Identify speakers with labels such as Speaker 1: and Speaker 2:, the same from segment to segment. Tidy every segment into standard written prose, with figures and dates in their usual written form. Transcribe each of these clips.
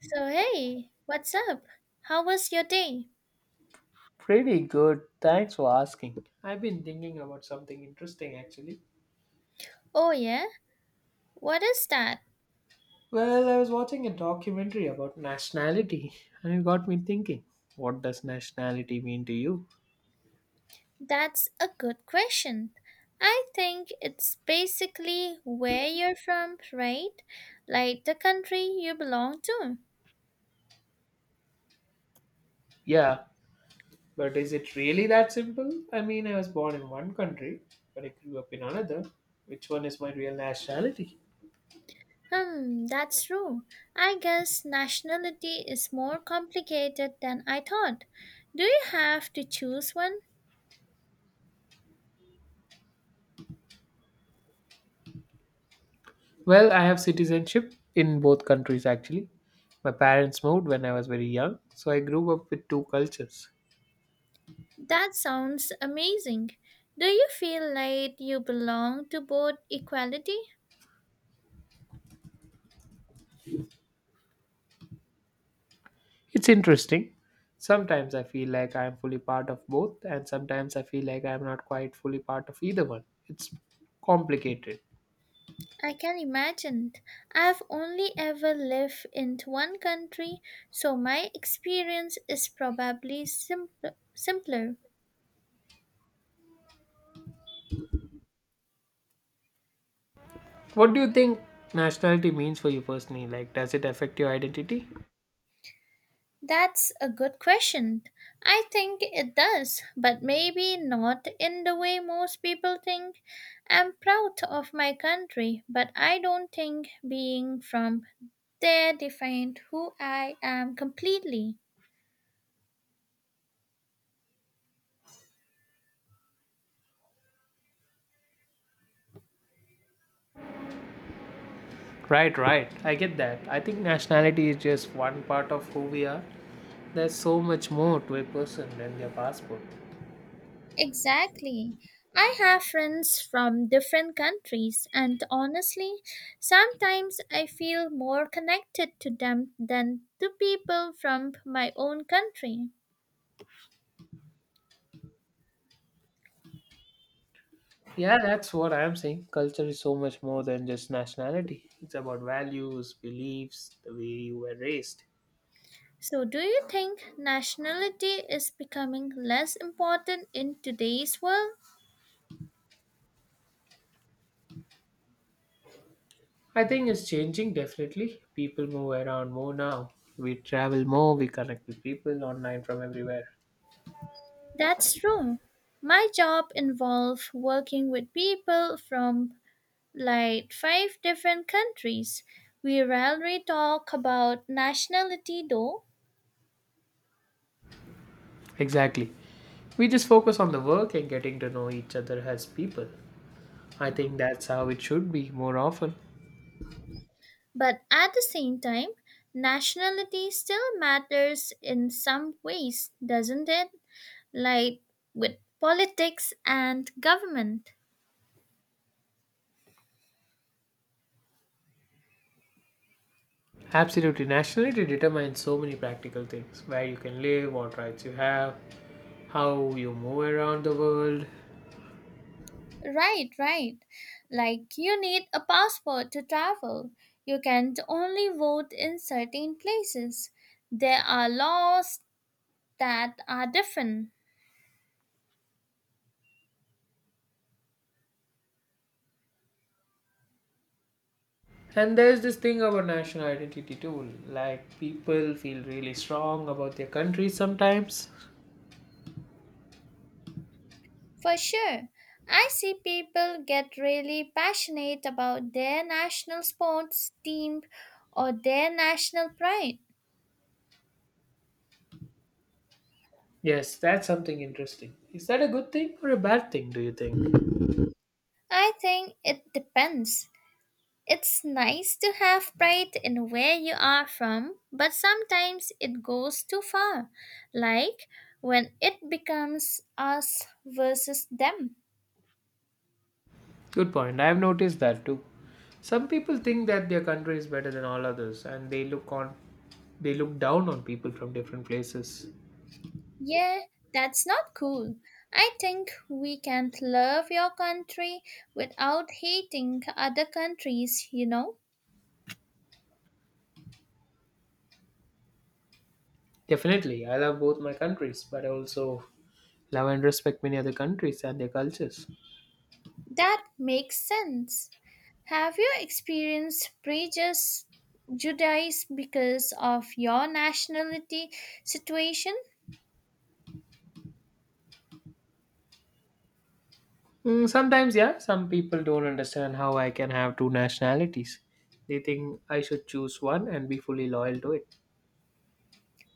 Speaker 1: So, hey, what's up? How was your day?
Speaker 2: Pretty good. Thanks for asking. I've been thinking about something interesting actually.
Speaker 1: Oh, yeah? What is that?
Speaker 2: Well, I was watching a documentary about nationality and it got me thinking. What does nationality mean to you?
Speaker 1: That's a good question. I think it's basically where you're from, right? Like the country you belong to.
Speaker 2: Yeah, but is it really that simple? I was born in one country, but I grew up in another. Which one is my real nationality?
Speaker 1: Hmm, that's true. I guess nationality is more complicated than I thought. Do you have to choose one?
Speaker 2: Well, I have citizenship in both countries actually. My parents moved when I was very young, so I grew up with two cultures.
Speaker 1: That sounds amazing. Do you feel like you belong to both equality?
Speaker 2: It's interesting. Sometimes I feel like I am fully part of both, and sometimes I feel like I am not quite fully part of either one. It's complicated.
Speaker 1: I can imagine. I've only ever lived in one country, so my experience is probably simpler.
Speaker 2: What do you think nationality means for you personally? Like, does it affect your identity?
Speaker 1: That's a good question. I think it does, but maybe not in the way most people think. I'm proud of my country, but I don't think being from there defined who I am completely.
Speaker 2: Right, right. I get that. I think nationality is just one part of who we are. There's so much more to a person than their passport.
Speaker 1: Exactly. I have friends from different countries, and honestly, sometimes I feel more connected to them than to people from my own country.
Speaker 2: Yeah, that's what I'm saying. Culture is so much more than just nationality. It's about values, beliefs, the way you were raised.
Speaker 1: So, do you think nationality is becoming less important in today's world?
Speaker 2: I think it's changing definitely. People move around more now. We travel more, we connect with people online from everywhere.
Speaker 1: That's true. My job involves working with people from like five different countries. We rarely talk about nationality though.
Speaker 2: Exactly. We just focus on the work and getting to know each other as people. I think that's how it should be more often.
Speaker 1: But at the same time, nationality still matters in some ways, doesn't it? Like with politics and government.
Speaker 2: Absolutely. Nationality determines so many practical things, where you can live, what rights you have, how you move around the world.
Speaker 1: Right, right. Like you need a passport to travel. You can only vote in certain places. There are laws that are different.
Speaker 2: And there's this thing about national identity too. Like people feel really strong about their country sometimes.
Speaker 1: For sure. I see people get really passionate about their national sports team or their national pride.
Speaker 2: Yes, that's something interesting. Is that a good thing or a bad thing, do you think?
Speaker 1: I think it depends. It's nice to have pride in where you are from, but sometimes it goes too far, like when it becomes us versus them.
Speaker 2: Good point. I've noticed that too. Some people think that their country is better than all others and they look on they look down on people from different places.
Speaker 1: Yeah, that's not cool. I think we can't love your country without hating other countries,
Speaker 2: Definitely, I love both my countries, but I also love and respect many other countries and their cultures.
Speaker 1: That makes sense. Have you experienced prejudice Judaism because of your nationality situation?
Speaker 2: Mm, sometimes, yeah, some people don't understand how I can have two nationalities. They think I should choose one and be fully loyal to it.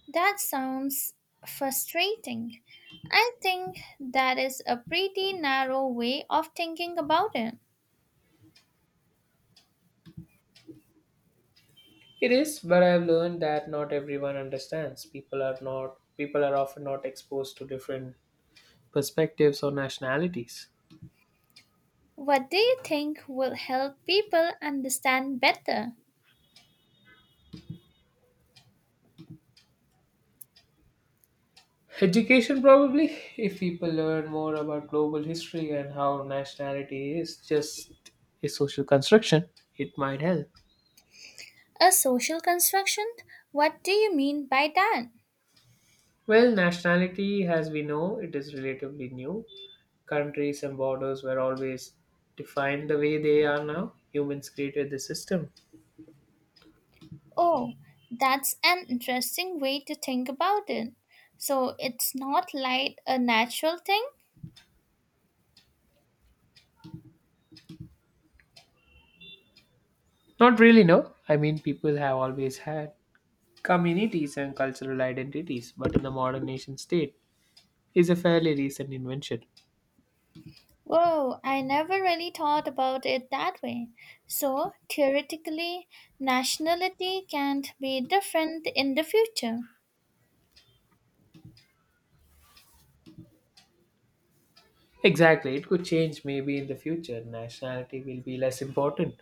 Speaker 1: That sounds frustrating. I think that is a pretty narrow way of thinking about it.
Speaker 2: It is, but I've learned that not everyone understands. People are often not exposed to different perspectives or nationalities.
Speaker 1: What do you think will help people understand better?
Speaker 2: Education probably, if people learn more about global history and how nationality is just a social construction, it might help.
Speaker 1: A social construction? What do you mean by that?
Speaker 2: Well, nationality as we know it is relatively new. Countries and borders were always defined the way they are now. Humans created the system.
Speaker 1: Oh, that's an interesting way to think about it. So it's not like a natural thing?
Speaker 2: Not really, no. People have always had communities and cultural identities, but in the modern nation state is a fairly recent invention.
Speaker 1: Whoa, I never really thought about it that way. So, theoretically, nationality can be different in the future.
Speaker 2: Exactly, it could change. Maybe in the future, nationality will be less important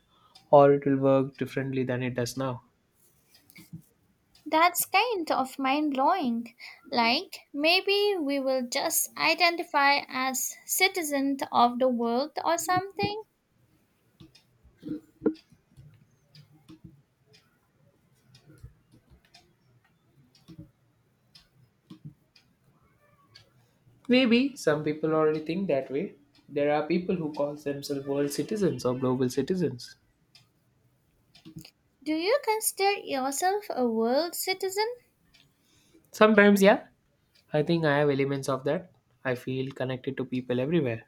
Speaker 2: or it will work differently than it does now.
Speaker 1: That's kind of mind blowing. Like, maybe we will just identify as citizens of the world or something.
Speaker 2: Maybe some people already think that way. There are people who call themselves world citizens or global citizens.
Speaker 1: Do you consider yourself a world citizen?
Speaker 2: Sometimes, yeah, I think I have elements of that. I feel connected to people everywhere,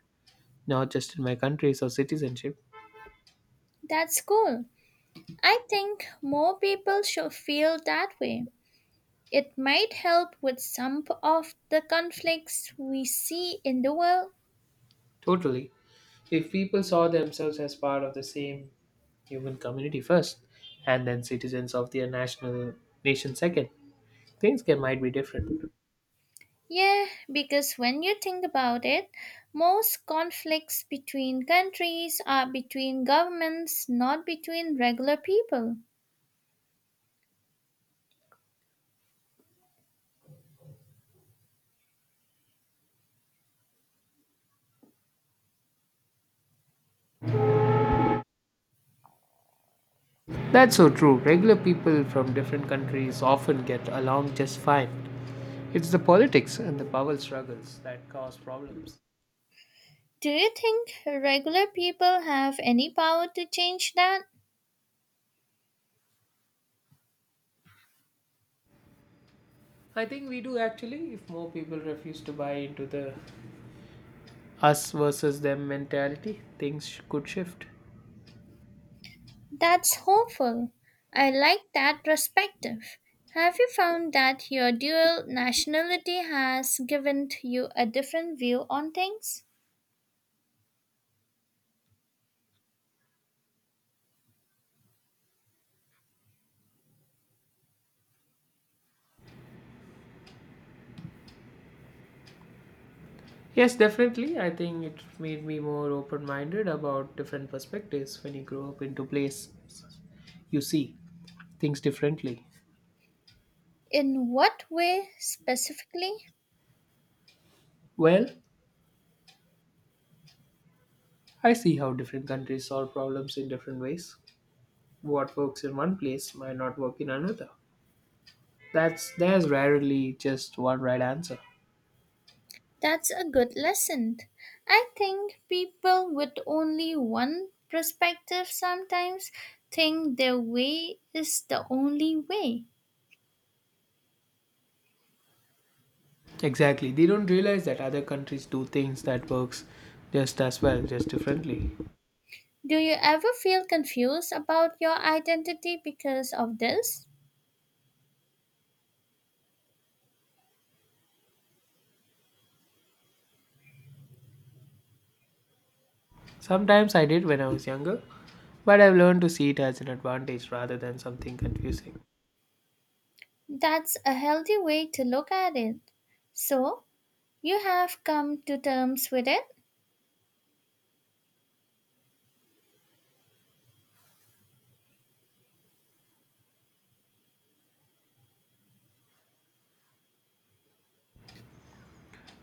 Speaker 2: not just in my countries or citizenship.
Speaker 1: That's cool. I think more people should feel that way. It might help with some of the conflicts we see in the world.
Speaker 2: Totally. If people saw themselves as part of the same human community first, and then citizens of their nation second, things can might be different.
Speaker 1: Yeah, because when you think about it, most conflicts between countries are between governments, not between regular people.
Speaker 2: That's so true. Regular people from different countries often get along just fine. It's the politics and the power struggles that cause problems.
Speaker 1: Do you think regular people have any power to change that?
Speaker 2: I think we do actually. If more people refuse to buy into the us versus them mentality, could shift.
Speaker 1: That's hopeful. I like that perspective. Have you found that your dual nationality has given you a different view on things?
Speaker 2: Yes, definitely. I think it made me more open minded about different perspectives. When you grow up into place, you see things differently.
Speaker 1: In what way specifically?
Speaker 2: Well, I see how different countries solve problems in different ways. What works in one place might not work in another. That's there's rarely just one right answer.
Speaker 1: That's a good lesson. I think people with only one perspective sometimes think their way is the only way.
Speaker 2: Exactly. They don't realize that other countries do things that works just as well, just differently.
Speaker 1: Do you ever feel confused about your identity because of this?
Speaker 2: Sometimes I did when I was younger, but I've learned to see it as an advantage rather than something confusing.
Speaker 1: That's a healthy way to look at it. So, you have come to terms with it?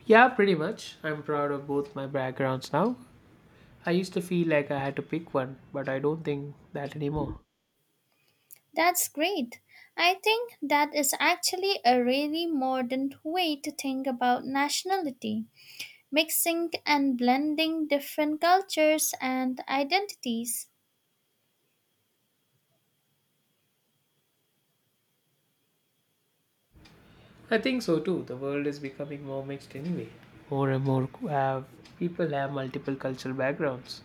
Speaker 2: Yeah, pretty much. I'm proud of both my backgrounds now. I used to feel like I had to pick one, but I don't think that anymore.
Speaker 1: That's great. I think that is actually a really modern way to think about nationality, mixing and blending different cultures and identities.
Speaker 2: I think so too. The world is becoming more mixed anyway. More and more have People have multiple cultural backgrounds.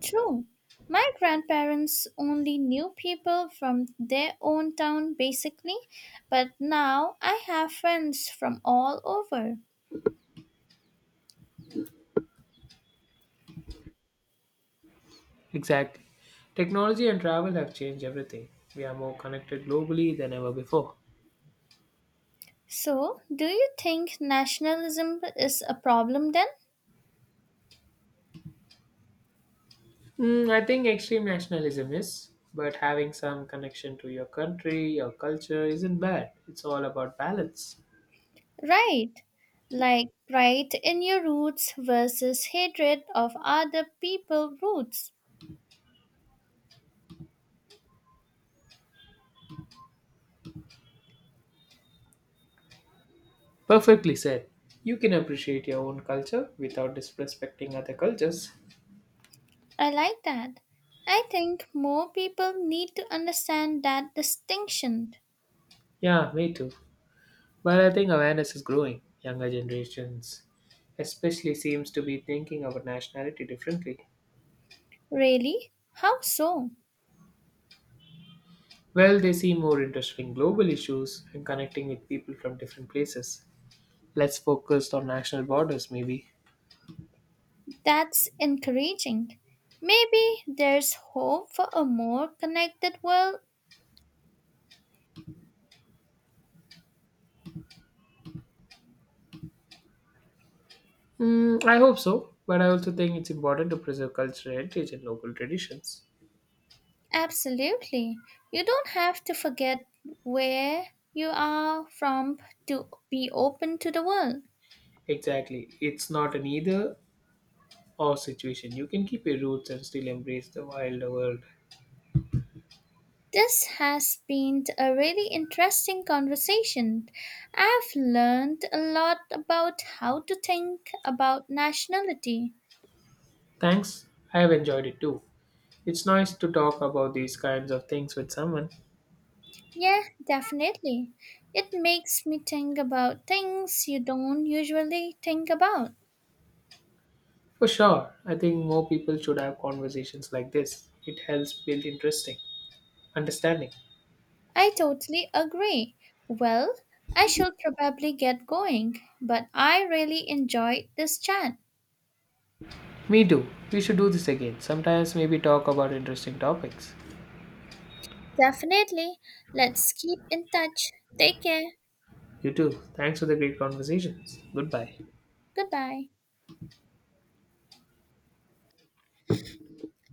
Speaker 1: True. My grandparents only knew people from their own town basically, but now I have friends from all over.
Speaker 2: Exactly. Technology and travel have changed everything. We are more connected globally than ever before.
Speaker 1: So, do you think nationalism is a problem then?
Speaker 2: Mm, I think extreme nationalism is, but having some connection to your country, your culture isn't bad. It's all about balance.
Speaker 1: Right. Like pride in your roots versus hatred of other people's roots.
Speaker 2: Perfectly said. You can appreciate your own culture without disrespecting other cultures.
Speaker 1: I like that. I think more people need to understand that distinction.
Speaker 2: Yeah, me too. But I think awareness is growing. Younger generations especially seems to be thinking about nationality differently.
Speaker 1: Really? How so?
Speaker 2: Well, they see more interest in global issues and connecting with people from different places. Let's focus on national borders, maybe.
Speaker 1: That's encouraging. Maybe there's hope for a more connected world?
Speaker 2: Mm, I hope so, but I also think it's important to preserve cultural heritage and local traditions.
Speaker 1: Absolutely. You don't have to forget where you are from to be open to the world.
Speaker 2: Exactly. It's not an either or situation. You can keep your roots and still embrace the wild world.
Speaker 1: This has been a really interesting conversation. I've learned a lot about how to think about nationality.
Speaker 2: Thanks, I have enjoyed it too. It's nice to talk about these kinds of things with someone.
Speaker 1: Yeah, definitely. It makes me think about things you don't usually think about.
Speaker 2: For sure, I think more people should have conversations like this. It helps build interesting understanding.
Speaker 1: I totally agree. Well, I should probably get going, but I really enjoyed this chat.
Speaker 2: Me too. We should do this again. Sometimes maybe talk about interesting topics.
Speaker 1: Definitely. Let's keep in touch. Take care.
Speaker 2: You too. Thanks for the great conversations. Goodbye.
Speaker 1: Goodbye.